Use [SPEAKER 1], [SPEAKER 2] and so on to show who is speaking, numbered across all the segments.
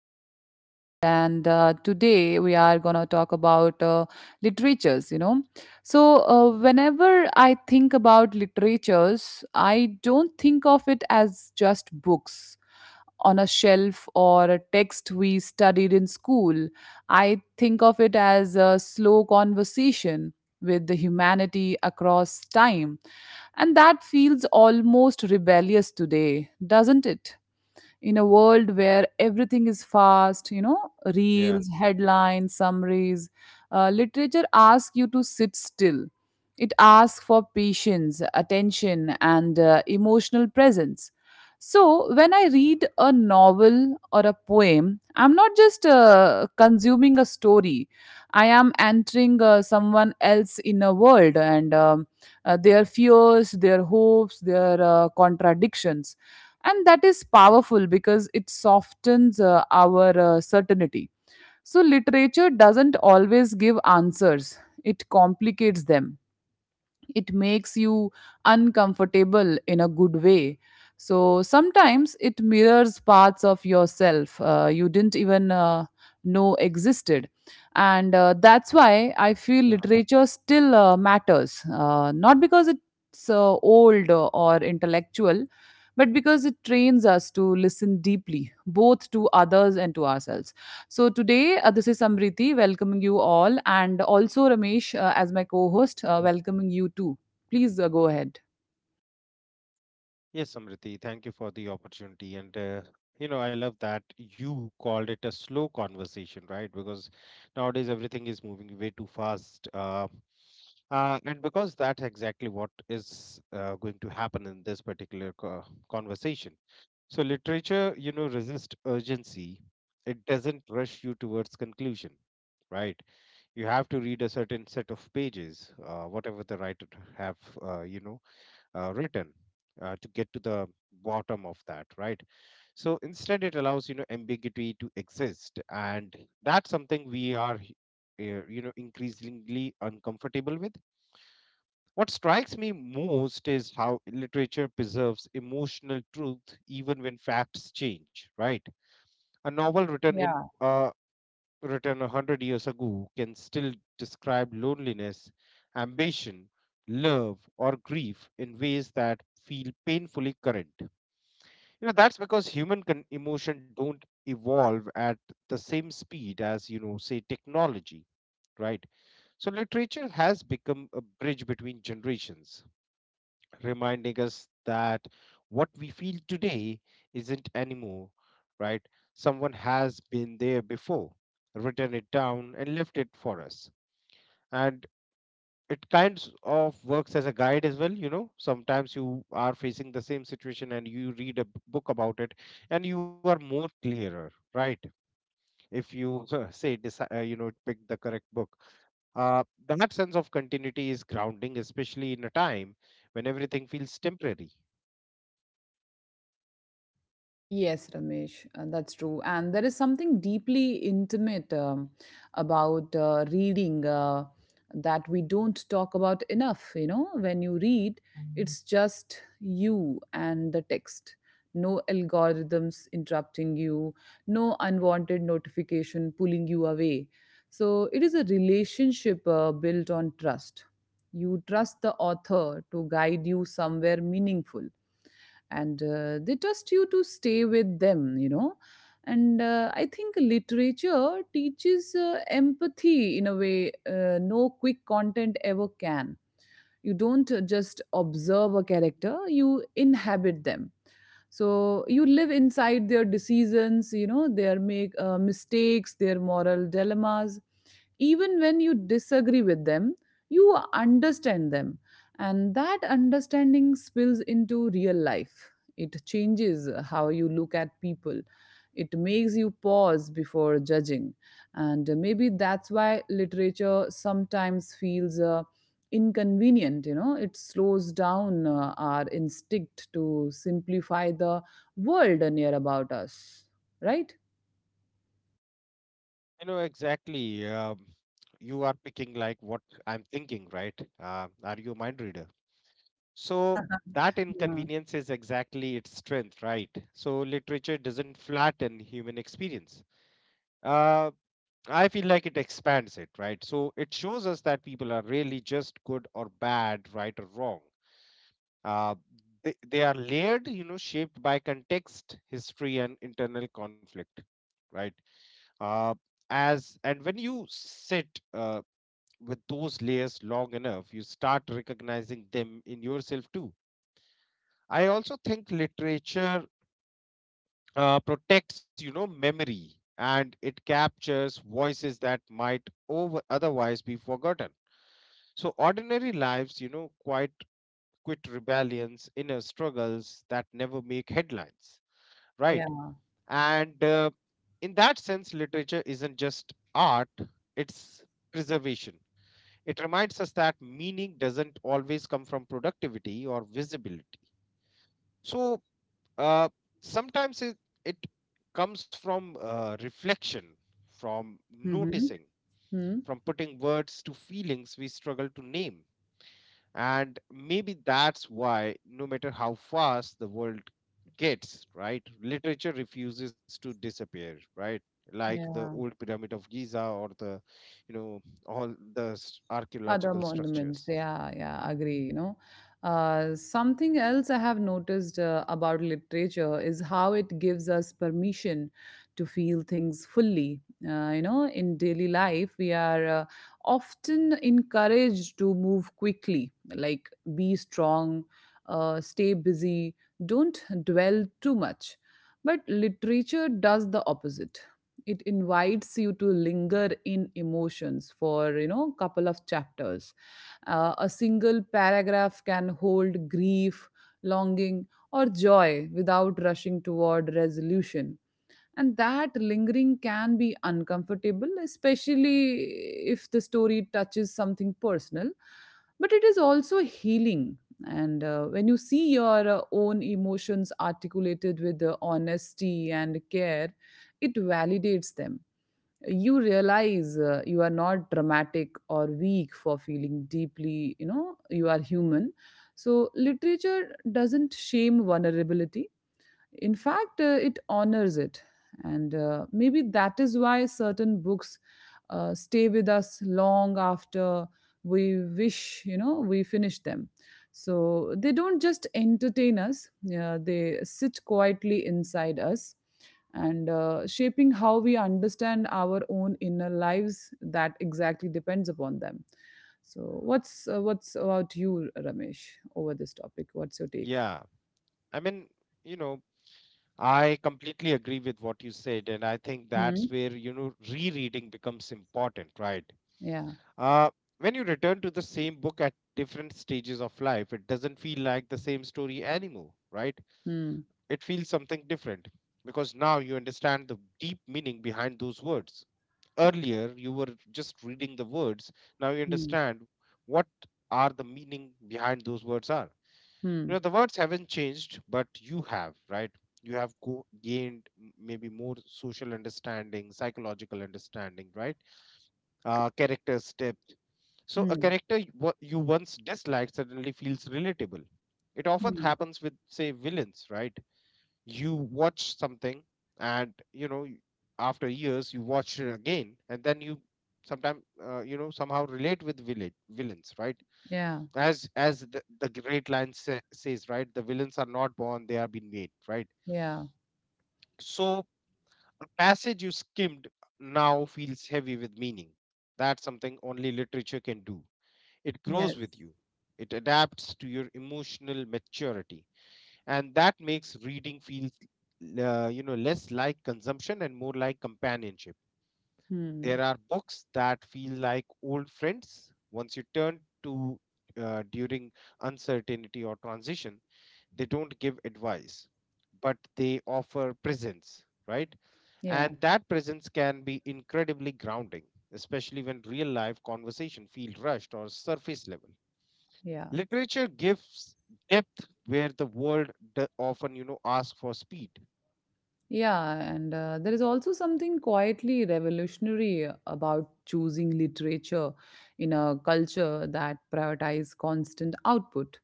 [SPEAKER 1] another podcast. And Today we are going to talk about literatures, you know. So, whenever I think about literatures, I don't think of it as just books on a shelf or a text we studied in school. I think of it as a slow conversation with the humanity across time. And that feels almost rebellious today, doesn't it? In a world where everything is fast, you know,
[SPEAKER 2] Yeah.
[SPEAKER 1] reels, headlines, summaries, literature asks you to sit still. It asks for patience, attention, and emotional presence. So, when I read a novel or a poem, I'm not just consuming a story. I am entering someone else in a world and their fears, their hopes, their contradictions, and that is powerful because it softens our certainty. So literature doesn't always give answers, it complicates them, it makes you uncomfortable in a good way. So sometimes it mirrors parts of yourself you didn't even know existed. And That's why I feel
[SPEAKER 2] Yeah.
[SPEAKER 1] literature still matters, not because it's old or intellectual, but because it trains us to listen deeply, both to others and to ourselves. So today, this is Samriti welcoming you all, and also Ramesh as my co host,
[SPEAKER 2] Yeah.
[SPEAKER 1] welcoming you too. Please go ahead.
[SPEAKER 2] Yes, Samriti, thank you for the opportunity. You know, I love that you called it a slow conversation, right? Because nowadays everything is moving way too fast. And because that's exactly what is going to happen in this particular conversation. So, literature, you know, resists urgency, it doesn't rush you towards conclusion. Right, you have to read a certain set of pages, whatever the writer have, uh, you know, written to get to the bottom of that, right? So instead it allows, you know, ambiguity to exist, and that's something we are you know, increasingly uncomfortable with. What strikes me most is how literature preserves emotional truth even when facts change, right? A novel written in
[SPEAKER 1] Yeah.
[SPEAKER 2] a, written a hundred years ago can still describe loneliness, ambition, love, or grief in ways that feel painfully current. You know, that's because human emotion don't evolve at the same speed as, you know, say technology, right? So literature has become a bridge between generations, reminding us that what we feel today isn't anymore, right? Someone has been there before, written it down, and left it for us. And it kind of works as a guide as well. You know, sometimes you are facing the same situation and you read a book about it and you are more clearer, right? If you you know, pick the correct book. Uh, that sense of continuity is grounding, especially in a time when everything feels temporary.
[SPEAKER 1] Yes, Ramesh, that's true. And there is something deeply intimate about reading that we don't talk about enough. You know, when you read, it's just you and the text. No algorithms interrupting you, no unwanted notification pulling you away. So it is a relationship built on trust. You trust the author to guide you somewhere meaningful, and they trust you to stay with them, you know. And I think literature teaches empathy in a way no quick content ever can. You don't just observe a character, you inhabit them. So you live inside their decisions, you know, their make mistakes, their moral dilemmas. Even when you disagree with them, you understand them, and that understanding spills into real life. It changes how you look at people, it makes you pause before judging. And maybe that's why literature sometimes feels inconvenient, you know, it slows down our instinct to simplify the world near about us, right?
[SPEAKER 2] You know, exactly. You are picking like what I'm thinking, right? Are you a mind reader? So that
[SPEAKER 1] Yeah.
[SPEAKER 2] inconvenience is exactly its strength, right? So literature doesn't flatten human experience. Uh, I feel like it expands it, right? So it shows us that people are really just good or bad, right or wrong. Uh, they are layered, you know, shaped by context, history, and internal conflict, right? Uh, as and when you sit uh, with those layers long enough, you start recognizing them in yourself too. I also think literature protects, you know, memory, and it captures voices that might over otherwise be forgotten. So ordinary lives, you know, quite quit rebellions, inner struggles that never make headlines, right?
[SPEAKER 1] Yeah.
[SPEAKER 2] And In that sense, literature isn't just art; it's preservation. It reminds us that meaning doesn't always come from productivity or visibility. So uh, Sometimes it comes from reflection, from
[SPEAKER 1] Hmm.
[SPEAKER 2] noticing, from putting words to feelings we struggle to name. And maybe that's why, no matter how fast the world gets, right, literature refuses to disappear, right? Like the
[SPEAKER 1] Yeah,
[SPEAKER 2] old pyramid of Giza, or the, you know, all the archaeological
[SPEAKER 1] other
[SPEAKER 2] structures.
[SPEAKER 1] monuments. Yeah, yeah, agree, you know. Something else I have noticed about literature is how it gives us permission to feel things fully. You know, in daily life, we are often encouraged to move quickly, like, be strong, stay busy, don't dwell too much. But literature does the opposite. It invites you to linger in emotions for, you know, couple of chapters. A single paragraph can hold grief, longing, or joy without rushing toward resolution. And that lingering can be uncomfortable, especially if the story touches something personal, but it is also healing. And when you see your own emotions articulated with honesty and care, it validates them. You realize you are not dramatic or weak for feeling deeply, you know, you are human. So literature doesn't shame vulnerability; in fact, it honors it. And maybe that is why certain books stay with us long after we wish, you know, we finish them. So they don't just entertain us, yeah, they sit quietly inside us, and shaping how we understand our own inner lives that exactly depends upon them. So what's about you, Ramesh, over this topic? What's your take?
[SPEAKER 2] Yeah, I mean, you know, I completely agree with what you said, and I think that's
[SPEAKER 1] Hmm?
[SPEAKER 2] where, you know, rereading becomes important, right?
[SPEAKER 1] Yeah.
[SPEAKER 2] Uh, when you return to the same book at different stages of life, it doesn't feel like the same story anymore, right?
[SPEAKER 1] Hmm.
[SPEAKER 2] It feels something different because now you understand the deep meaning behind those words. Earlier, you were just reading the words. Now you
[SPEAKER 1] Hmm.
[SPEAKER 2] understand what are the meaning behind those words are. You know,
[SPEAKER 1] Hmm,
[SPEAKER 2] the words haven't changed but you have, right? You have gained maybe more social understanding, psychological understanding, right? Uh, character steps. So a
[SPEAKER 1] hmm,
[SPEAKER 2] character you you once disliked suddenly feels relatable. It often
[SPEAKER 1] hmm.
[SPEAKER 2] happens with, say, villains, right? You watch something and you know after years you watch it again, and then you sometimes you know, somehow relate with villain, villains, right?
[SPEAKER 1] Yeah,
[SPEAKER 2] As the great lion says, right, the villains are not born, they are been made, right?
[SPEAKER 1] yeah,
[SPEAKER 2] So a passage you skimmed now feels heavy with meaning. That's something only literature can do. It
[SPEAKER 1] yes.
[SPEAKER 2] grows with you, it adapts to your emotional maturity, and that makes reading feel, you know, less like consumption and more like companionship.
[SPEAKER 1] Hmm,
[SPEAKER 2] There are books that feel like old friends once you turn to during uncertainty or transition. They don't give advice, but they offer presence, right?
[SPEAKER 1] yeah,
[SPEAKER 2] And that presence can be incredibly grounding, especially when real life conversation feel rushed or surface level.
[SPEAKER 1] yeah,
[SPEAKER 2] Literature gives depth where the world often, you know, asks for speed.
[SPEAKER 1] yeah. And there is also something quietly revolutionary about choosing literature in a culture that prioritizes constant output.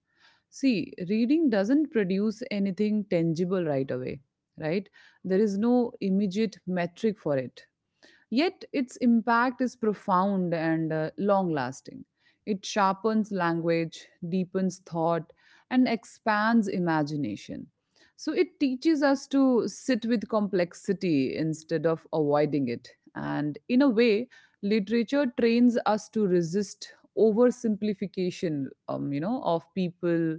[SPEAKER 1] See, reading doesn't produce anything tangible right away, right? There is no immediate metric for it. Yet its impact is profound and long lasting. It sharpens language, deepens thought, and expands imagination. So it teaches us to sit with complexity instead of avoiding it. And in a way, literature trains us to resist oversimplification, you know, of people,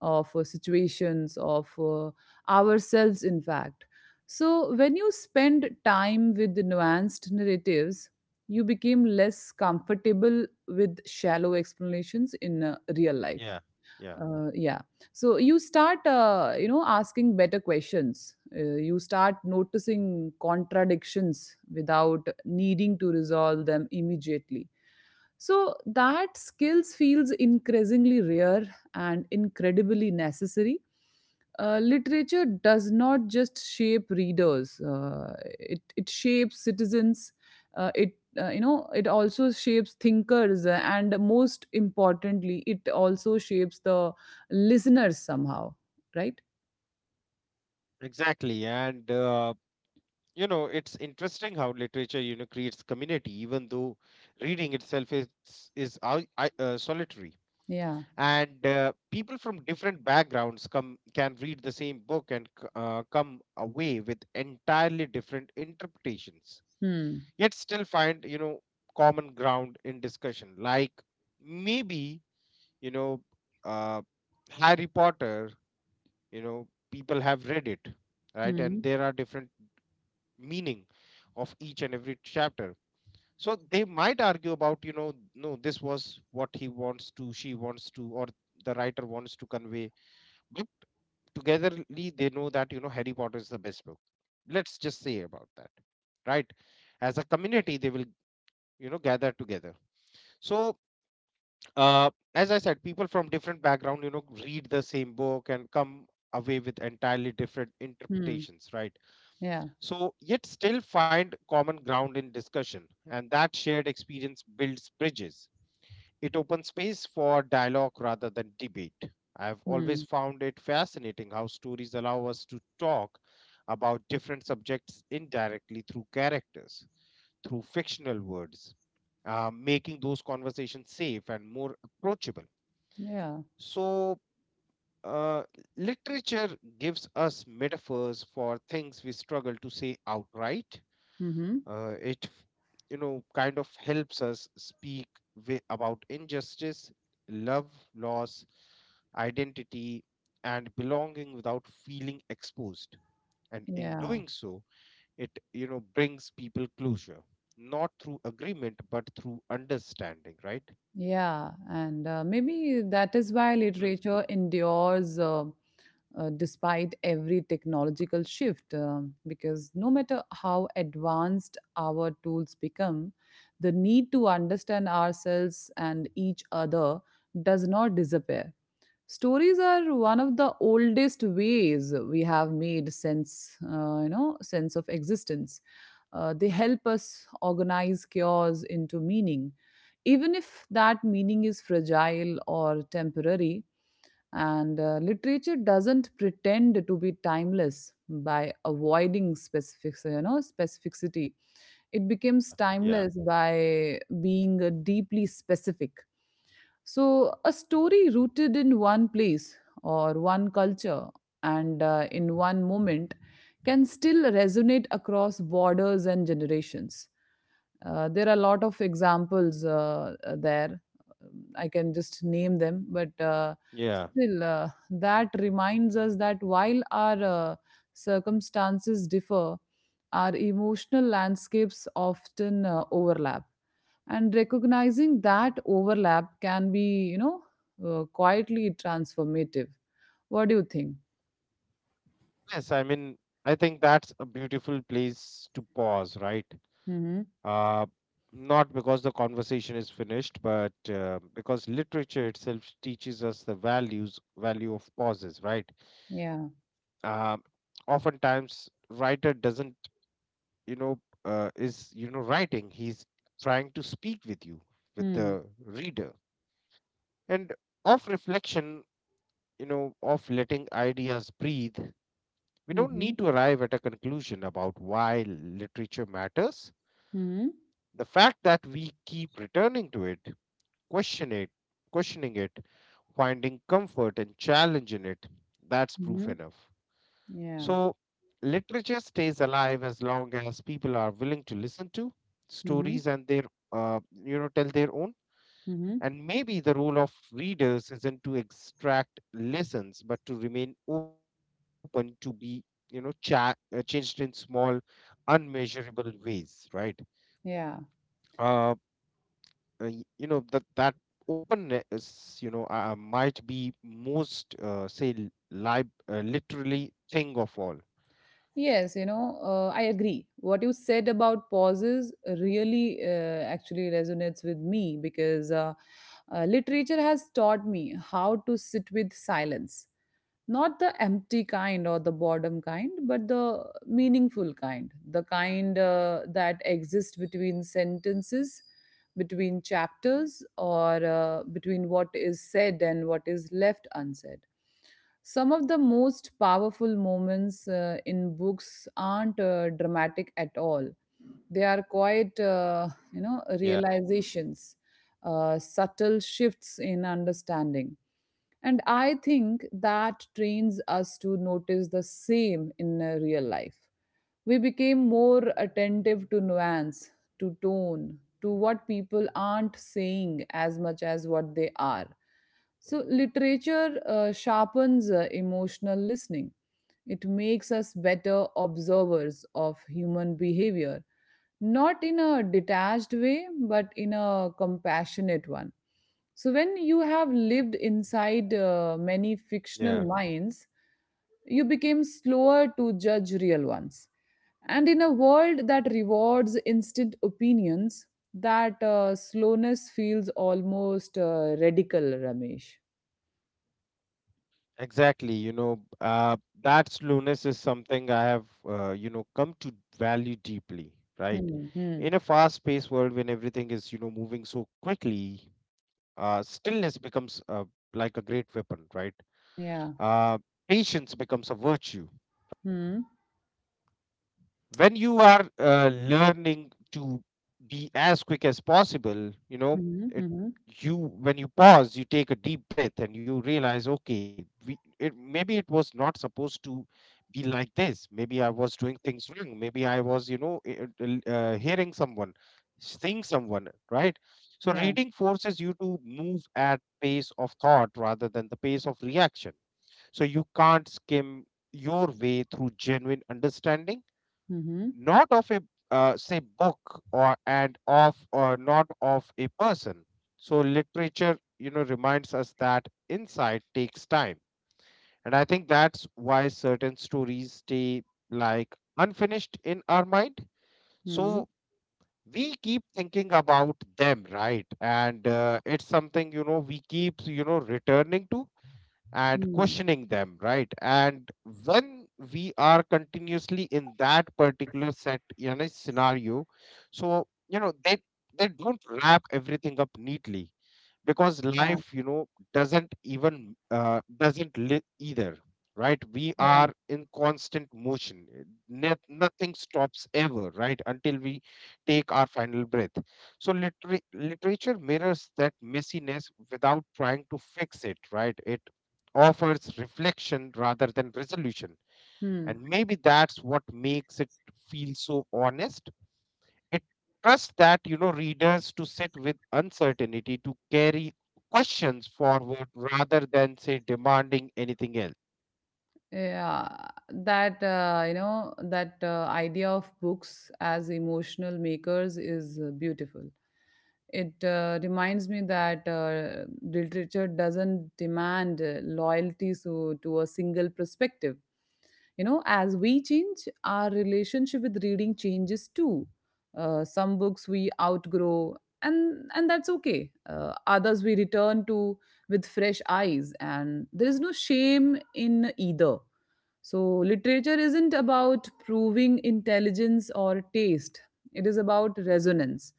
[SPEAKER 1] of situations, of ourselves, in fact. So, when you spend time with nuanced narratives, you became less comfortable with shallow explanations in real life.
[SPEAKER 2] Yeah, yeah,
[SPEAKER 1] Yeah. So you start, you know, asking better questions. You start noticing contradictions without needing to resolve them immediately. So that skills feels increasingly rare and incredibly necessary. Literature does not just shape readers, it shapes citizens. It You know, it also shapes thinkers, and most importantly it also shapes the listeners somehow, right?
[SPEAKER 2] exactly. and You know, it's interesting how literature, you know, creates community even though reading itself is solitary.
[SPEAKER 1] Yeah.
[SPEAKER 2] And People from different backgrounds come can read the same book and come away with entirely different interpretations,
[SPEAKER 1] Hmm.
[SPEAKER 2] yet still find, you know, common ground in discussion. Like, maybe, you know, uh, Harry Potter, you know, people have read it, right, and
[SPEAKER 1] Hmm.
[SPEAKER 2] there are different meaning of each and every chapter. So they might argue about, you know, no, this was what he wants to, she wants to, or the writer wants to convey, but togetherly they know that, you know, Harry Potter is the best book, let's just say about that, right? As a community they will, you know, gather together. So, as I said, people from different background, you know, read the same book and come away with entirely different
[SPEAKER 1] Hmm.
[SPEAKER 2] interpretations, right?
[SPEAKER 1] Yeah.
[SPEAKER 2] So yet still find common ground in discussion, and that shared experience builds bridges. It opens space for dialogue rather than debate. I've always
[SPEAKER 1] Hmm.
[SPEAKER 2] found it fascinating how stories allow us to talk about different subjects indirectly through characters, through fictional words, making those conversations safe and more approachable.
[SPEAKER 1] Yeah.
[SPEAKER 2] So, uh, literature gives us metaphors for things we struggle to say outright.
[SPEAKER 1] Hmm.
[SPEAKER 2] uh, it, f- you know, kind of helps us speak about injustice, love, loss, identity, and belonging without feeling exposed. And in
[SPEAKER 1] Yeah.
[SPEAKER 2] doing so, it, you know, brings people closure, not through agreement, but through understanding, right?
[SPEAKER 1] Yeah and uh, maybe that is why
[SPEAKER 2] Hmm.
[SPEAKER 1] literature endures, despite every technological shift, because no matter how advanced our tools become, the need to understand ourselves and each other does not disappear. Stories are one of the oldest ways we have made sense you know, sense of existence. They help us organize chaos into meaning, even if that meaning is fragile or temporary. And literature doesn't pretend to be timeless by avoiding specific, you know, specificity. It becomes
[SPEAKER 2] Yeah, yeah,
[SPEAKER 1] timeless by being deeply specific. So, a story rooted in one place or one culture and in one moment can still resonate across borders and generations. There are a lot of examples there. I can just name them, but
[SPEAKER 2] yeah.
[SPEAKER 1] still, that reminds us that while our circumstances differ, our emotional landscapes often overlap, and recognizing that overlap can be, you know, quietly transformative. What do you think?
[SPEAKER 2] Yes, I mean, I think that's a beautiful place to pause, right?
[SPEAKER 1] Mm-hmm.
[SPEAKER 2] Uh, Not because the conversation is finished, but because literature itself teaches us the values value of pauses, right?
[SPEAKER 1] Yeah.
[SPEAKER 2] Um, Oftentimes, writer doesn't, you know, is, you know, writing. He's trying to speak with you, with
[SPEAKER 1] Mm-hmm.
[SPEAKER 2] the reader, and of reflection, you know, of letting ideas breathe. We don't
[SPEAKER 1] Mm-hmm.
[SPEAKER 2] need to arrive at a conclusion about why literature matters.
[SPEAKER 1] Mm-hmm.
[SPEAKER 2] The fact that we keep returning to it, question it, questioning it, finding comfort and challenge in it, that's proof
[SPEAKER 1] Mm-hmm.
[SPEAKER 2] enough.
[SPEAKER 1] Yeah.
[SPEAKER 2] So, literature stays alive as long as people are willing to listen to
[SPEAKER 1] Mm-hmm.
[SPEAKER 2] stories and their, you know, tell their own.
[SPEAKER 1] Mm-hmm.
[SPEAKER 2] And maybe the role of readers isn't to extract lessons, but to remain open to be, you know, changed in small, unmeasurable ways, right?
[SPEAKER 1] Yeah.
[SPEAKER 2] Um, you know, that openness, you know, might be most, say l- lib literally, thing of all.
[SPEAKER 1] Yes, you know, I agree what you said about pauses really actually resonates with me, because literature has taught me how to sit with silence. Not the empty kind or the boredom kind, but the meaningful kind, the kind that exists between sentences, between chapters, or between what is said and what is left unsaid. Some of the most powerful moments in books aren't dramatic at all. They are quite, you know,
[SPEAKER 2] Yeah,
[SPEAKER 1] realizations, subtle shifts in understanding. And I think that trains us to notice the same in real life. We became more attentive to nuance, to tone, to what people aren't saying as much as what they are. So, literature sharpens emotional listening. It makes us better observers of human behavior, not in a detached way, but in a compassionate one. So, when you have lived inside many fictional
[SPEAKER 2] yeah,
[SPEAKER 1] minds, you became slower to judge real ones. And in a world that rewards instant opinions, that slowness feels almost radical, Ramesh.
[SPEAKER 2] exactly. You know, uh, that slowness is something I have, you know, come to value deeply, right?
[SPEAKER 1] Hmm. Hmm.
[SPEAKER 2] In a fast paced world, when everything is, you know, moving so quickly, stillness becomes, like a great weapon, right?
[SPEAKER 1] Yeah.
[SPEAKER 2] uh, Patience becomes a virtue
[SPEAKER 1] Hmm.
[SPEAKER 2] when you are, learning to be as quick as possible, you know.
[SPEAKER 1] Hmm.
[SPEAKER 2] it,
[SPEAKER 1] Hmm.
[SPEAKER 2] you, when you pause, you take a deep breath and you realize, okay, maybe it was not supposed to be like this, maybe I was doing things wrong, maybe I was, you know, hearing someone, seeing someone, right? So
[SPEAKER 1] Yeah.
[SPEAKER 2] reading forces you to move at pace of thought rather than the pace of reaction. So you can't skim your way through genuine understanding,
[SPEAKER 1] Hmm.
[SPEAKER 2] not of a, say book, or not of a person. So literature, you know, reminds us that insight takes time. And I think that's why certain stories stay like unfinished in our mind.
[SPEAKER 1] Hmm.
[SPEAKER 2] So we keep thinking about them, right? and It's something, you know, we keep, you know, returning to and
[SPEAKER 1] Hmm.
[SPEAKER 2] questioning them, right? And when we are continuously in that particular set, you know, scenario, so, you know, they don't wrap everything up neatly, because
[SPEAKER 1] Yeah.
[SPEAKER 2] life, you know, doesn't even, doesn't live either, right? We
[SPEAKER 1] Yeah.
[SPEAKER 2] are in constant motion. Nothing stops ever, right, until we take our final breath. So literature mirrors that messiness without trying to fix it, right? It offers reflection rather than resolution,
[SPEAKER 1] Hmm.
[SPEAKER 2] and maybe that's what makes it feel so honest. It trusts that, you know, readers to sit with uncertainty, to carry questions forward rather than, say, demanding anything else.
[SPEAKER 1] Yeah, that, you know, that idea of books as emotional makers is beautiful. It reminds me that literature doesn't demand loyalty so, to a single perspective. You know, as we change, our relationship with reading changes too. Some books we outgrow, and that's okay. Others we return to with fresh eyes, and there is no shame in either. So, literature isn't about proving intelligence or taste, it is about resonance.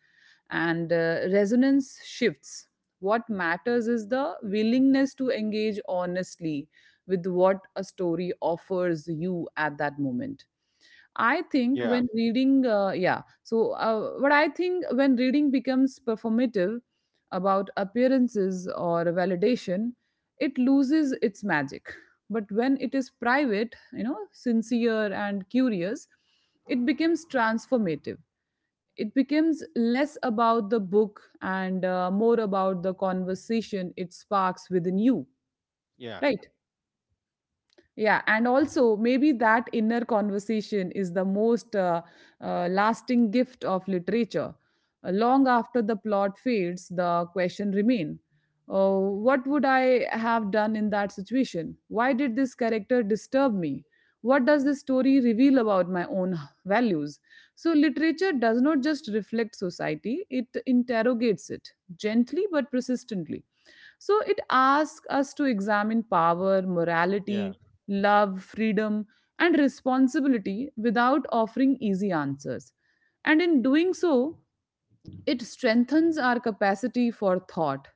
[SPEAKER 1] And resonance shifts. What matters is the willingness to engage honestly with what a story offers you at that moment. I think
[SPEAKER 2] Yeah,
[SPEAKER 1] when reading, yeah. So, what I think when reading becomes performative about appearances or validation, it loses its magic. But when it is private, you know, sincere and curious, it becomes transformative. It becomes less about the book and more about the conversation it sparks within you,
[SPEAKER 2] yeah,
[SPEAKER 1] right? Yeah, and also maybe that inner conversation is the most lasting gift of literature. Long after the plot fades, the question remain. What would I have done in that situation? Why did this character disturb me? What does this story reveal about my own values? So, literature does not just reflect society, it interrogates it gently but persistently. So it asks us to examine power, morality,
[SPEAKER 2] yeah,
[SPEAKER 1] love, freedom, and responsibility without offering easy answers. And in doing so, it strengthens our capacity for thought.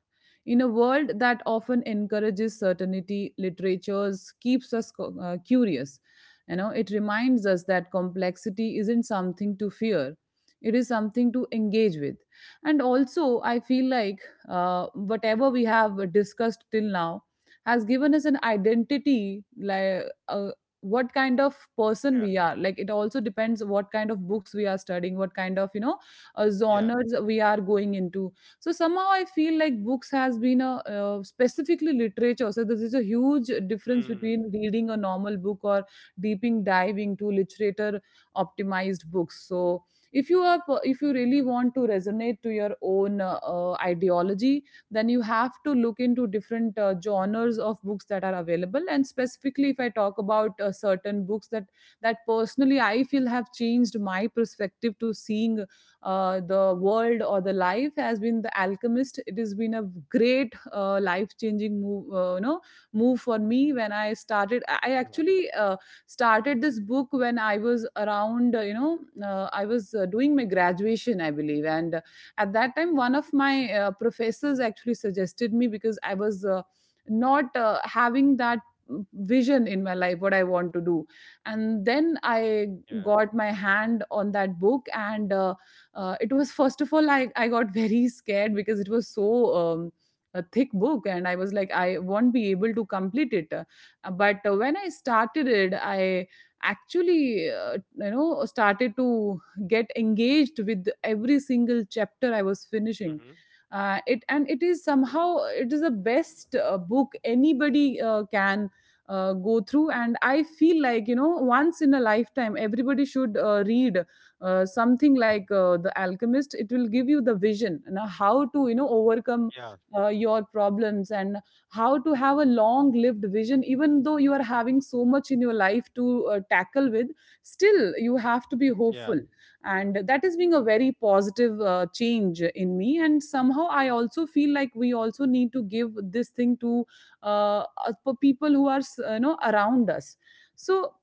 [SPEAKER 1] In a world that often encourages certainty, literatures keeps us curious. You know, it reminds us that complexity isn't something to fear; it is something to engage with. And also, I feel like whatever we have discussed till now has given us an identity, like, what kind of person
[SPEAKER 2] yeah,
[SPEAKER 1] we are. Like it also depends what kind of books we are studying, what kind of
[SPEAKER 2] yeah.
[SPEAKER 1] genres we are going into. So somehow I feel like books has been a specifically literature, so this is a huge difference
[SPEAKER 2] Mm-hmm.
[SPEAKER 1] between reading a normal book or deeping diving to literature optimized books. So If you really want to resonate to your own ideology, then you have to look into different genres of books that are available. And specifically if I talk about certain books that personally I feel have changed my perspective to seeing the world or the life, has been the Alchemist. It has been a great life changing move, move for me. When I started, I
[SPEAKER 2] Yeah,
[SPEAKER 1] actually started this book when I was around I was doing my graduation I believe, and at that time one of my professors actually suggested me, because I was not having that mm, vision in my life what I want to do. And then I
[SPEAKER 2] yeah,
[SPEAKER 1] got my hand on that book, and it was, first of all, I got very scared because it was so a thick book, and I was like I won't be able to complete it. But when I started it, I actually started to get engaged with every single chapter I was finishing
[SPEAKER 2] mm-hmm.
[SPEAKER 1] it. And it is somehow it is the best book anybody can go through. And I feel like you know, once in a lifetime everybody should read something like the Alchemist. It will give you the vision, you know, how to you know overcome
[SPEAKER 2] Yeah,
[SPEAKER 1] your problems, and how to have a long lived vision, even though you are having so much in your life to tackle with, still you have to be
[SPEAKER 2] yeah,
[SPEAKER 1] hopeful. And that is being a very positive change in me. And somehow I also feel like we also need to give this thing to people who are around us. So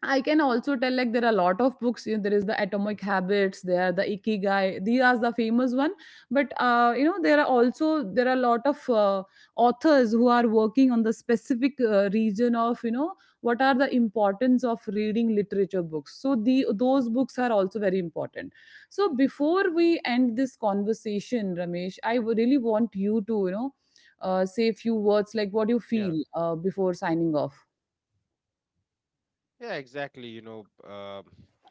[SPEAKER 1] I can also tell like there are a lot of books. You know, there is the
[SPEAKER 2] mm,
[SPEAKER 1] Atomic Habits, there the Ikigai. These are the famous one. But there are also there are a lot of authors who are working on the specific region of you know what are the importance of reading literature books. So the those books are also very important. So before we end this conversation, Ramesh, I would really want you to you know say a few words like what you
[SPEAKER 2] yeah,
[SPEAKER 1] feel before signing off.
[SPEAKER 2] yeah. Exactly. You know,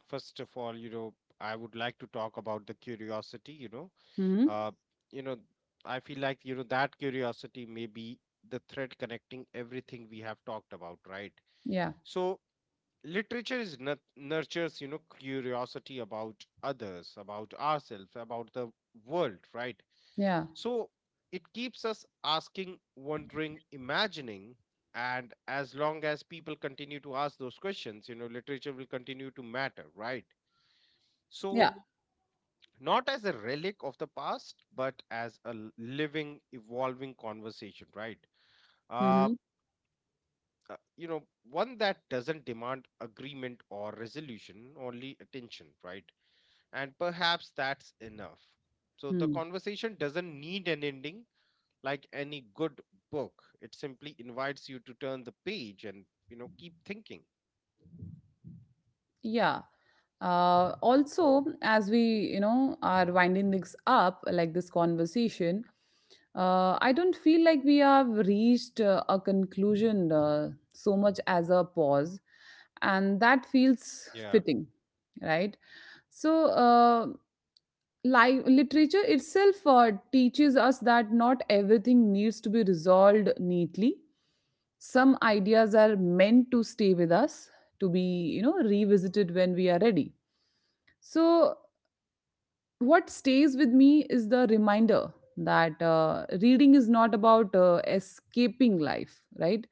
[SPEAKER 2] first of all, you know, I would like to talk about the curiosity.
[SPEAKER 1] Hmm.
[SPEAKER 2] Uh, you know, I feel like, you know, that curiosity may be the thread connecting everything we have talked about, right?
[SPEAKER 1] Yeah.
[SPEAKER 2] So literature is nut nurtures, you know, curiosity about others, about ourselves, about the world, right?
[SPEAKER 1] Yeah.
[SPEAKER 2] So it keeps us asking, wondering, imagining, and as long as people continue to ask those questions, you know, literature will continue to matter, right? So
[SPEAKER 1] Yeah.
[SPEAKER 2] not as a relic of the past, but as a living, evolving conversation, right?
[SPEAKER 1] Mm-hmm.
[SPEAKER 2] uh, you know, one that doesn't demand agreement or resolution, only attention, right? And perhaps that's enough. So the
[SPEAKER 1] Mm.
[SPEAKER 2] conversation doesn't need an ending, like any good book. It simply invites you to turn the page and, you know, keep thinking.
[SPEAKER 1] Yeah. Also, as we, you know, are winding this up, like this conversation, I don't feel like we have reached a conclusion so much as a pause, and that feels
[SPEAKER 2] Yeah.
[SPEAKER 1] fitting, right? So, life literature itself teaches us that not everything needs to be resolved neatly. Some ideas are meant to stay with us, to be you know revisited when we are ready. So what stays with me is the reminder that reading is not about escaping life, right?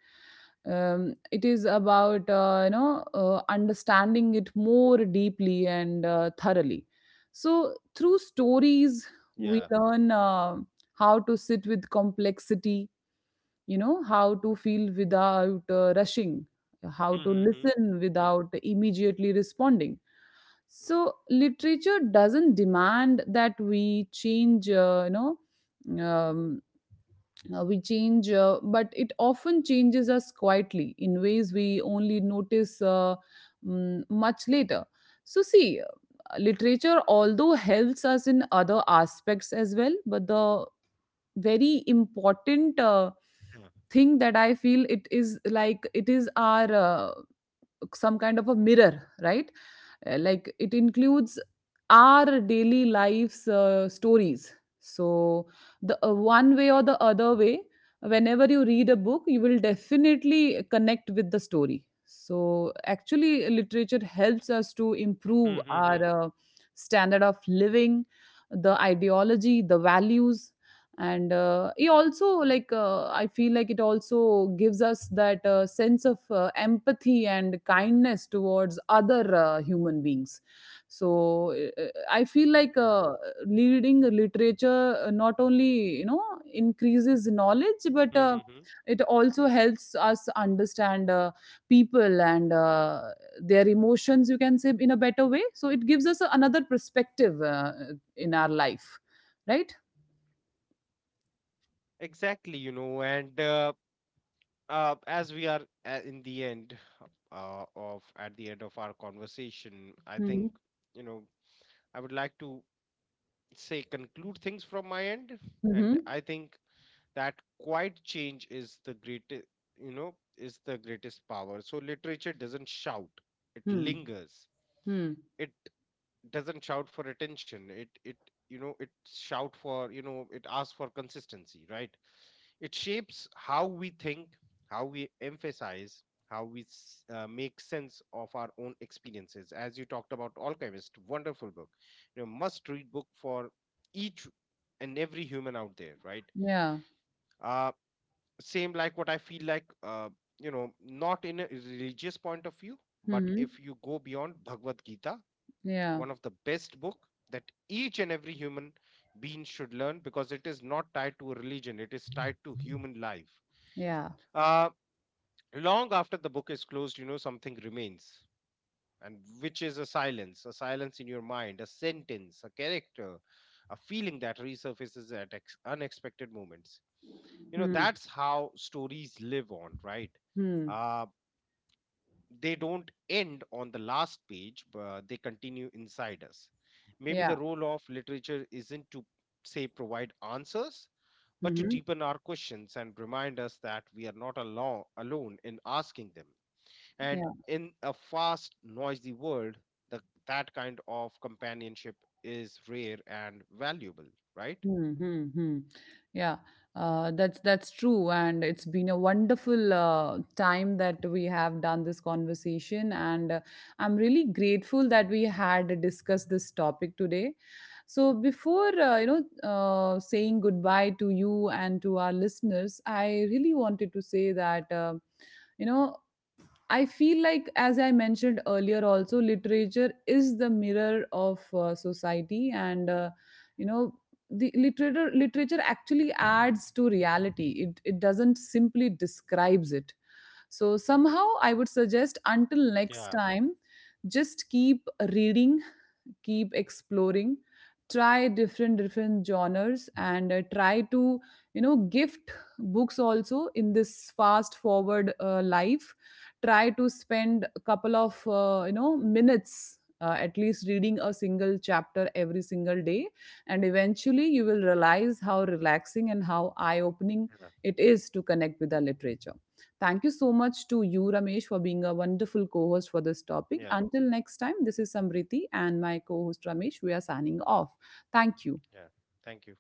[SPEAKER 1] it is about understanding it more deeply and thoroughly. So through stories we
[SPEAKER 2] Yeah.
[SPEAKER 1] learn how to sit with complexity, you know, how to feel without rushing, how to
[SPEAKER 2] Mm-hmm.
[SPEAKER 1] listen without immediately responding. So literature doesn't demand that we change um, we change, but it often changes us quietly in ways we only notice much later. So see, literature although helps us in other aspects as well, but the very important
[SPEAKER 2] Yeah.
[SPEAKER 1] thing that I feel, it is like it is our some kind of a mirror, right? Like it includes our daily life's stories. So the one way or the other way, whenever you read a book you will definitely connect with the story. So actually literature helps us to improve
[SPEAKER 2] Mm-hmm.
[SPEAKER 1] our standard of living, the ideology, the values. And it also like I feel like it also gives us that sense of empathy and kindness towards other human beings. So I feel like
[SPEAKER 2] Yeah.
[SPEAKER 1] reading literature not only you know increases knowledge, but
[SPEAKER 2] Mm-hmm.
[SPEAKER 1] it also helps us understand people and their emotions, you can say, in a better way. So it gives us another perspective in our life, right?
[SPEAKER 2] Exactly, you know. And As we are in the end, of at the end of our conversation, I
[SPEAKER 1] Mhm.
[SPEAKER 2] think, you know, I would like to say, conclude things from my end,
[SPEAKER 1] Mhm.
[SPEAKER 2] and I think that quiet change is the greatest, you know, is the greatest power. So literature doesn't shout, it
[SPEAKER 1] Hmm.
[SPEAKER 2] lingers.
[SPEAKER 1] Hmm.
[SPEAKER 2] It doesn't shout for attention. It, you know, it shout for, you know, it asks for consistency, right? It shapes how we think, how we emphasize, how we make sense of our own experiences. As you talked about Alchemist, wonderful book, you know, must read book for each and every human out there, right?
[SPEAKER 1] Yeah. Ja.
[SPEAKER 2] Uh, same like what I feel like, you know, not in a religious point of view, but if
[SPEAKER 1] Mhm.
[SPEAKER 2] you go beyond Bhagavad Gita,
[SPEAKER 1] Yeah.
[SPEAKER 2] one of the best book that each and every human being should learn, because it is not tied to a religion, it is tied to human life.
[SPEAKER 1] Yeah.
[SPEAKER 2] uh, Long after the book is closed, you know, something remains, and which is a silence in your mind, a sentence, a character, a feeling that resurfaces at unexpected moments. You know,
[SPEAKER 1] Hmm.
[SPEAKER 2] that's how stories live on, right?
[SPEAKER 1] Hmm.
[SPEAKER 2] Uh, they don't end on the last page, but they continue inside us. Maybe the
[SPEAKER 1] Yeah.
[SPEAKER 2] role of literature isn't to, say, provide answers, but to
[SPEAKER 1] Mhm.
[SPEAKER 2] deepen our questions and remind us that we are not alone in asking them. And
[SPEAKER 1] Yeah.
[SPEAKER 2] in a fast, noisy world, the, that kind of companionship is rare and valuable, right?
[SPEAKER 1] Hmm, hmm, hmm. Yeah. That's true, and it's been a wonderful time that we have done this conversation, and I'm really grateful that we had discussed this topic today. So before saying goodbye to you and to our listeners, I really wanted to say that. You know I feel like, as I mentioned earlier, also literature is the mirror of society, and you know, the literature actually adds to reality. It doesn't simply describes it. So somehow, I would suggest, until
[SPEAKER 2] Yeah.
[SPEAKER 1] next time, just keep reading, keep exploring, try different different genres, and try to you know gift books also. In this fast forward life, try to spend a couple of minutes at least reading a single chapter every single day, and eventually you will realize how relaxing and how eye opening
[SPEAKER 2] Yeah.
[SPEAKER 1] it is to connect with the literature. Thank you so much to you, Ramesh, for being a wonderful co host for this topic.
[SPEAKER 2] Yeah.
[SPEAKER 1] Until next time, this is Samriti and my co host Ramesh. We are signing off. Thank you.
[SPEAKER 2] Yeah. Thank you.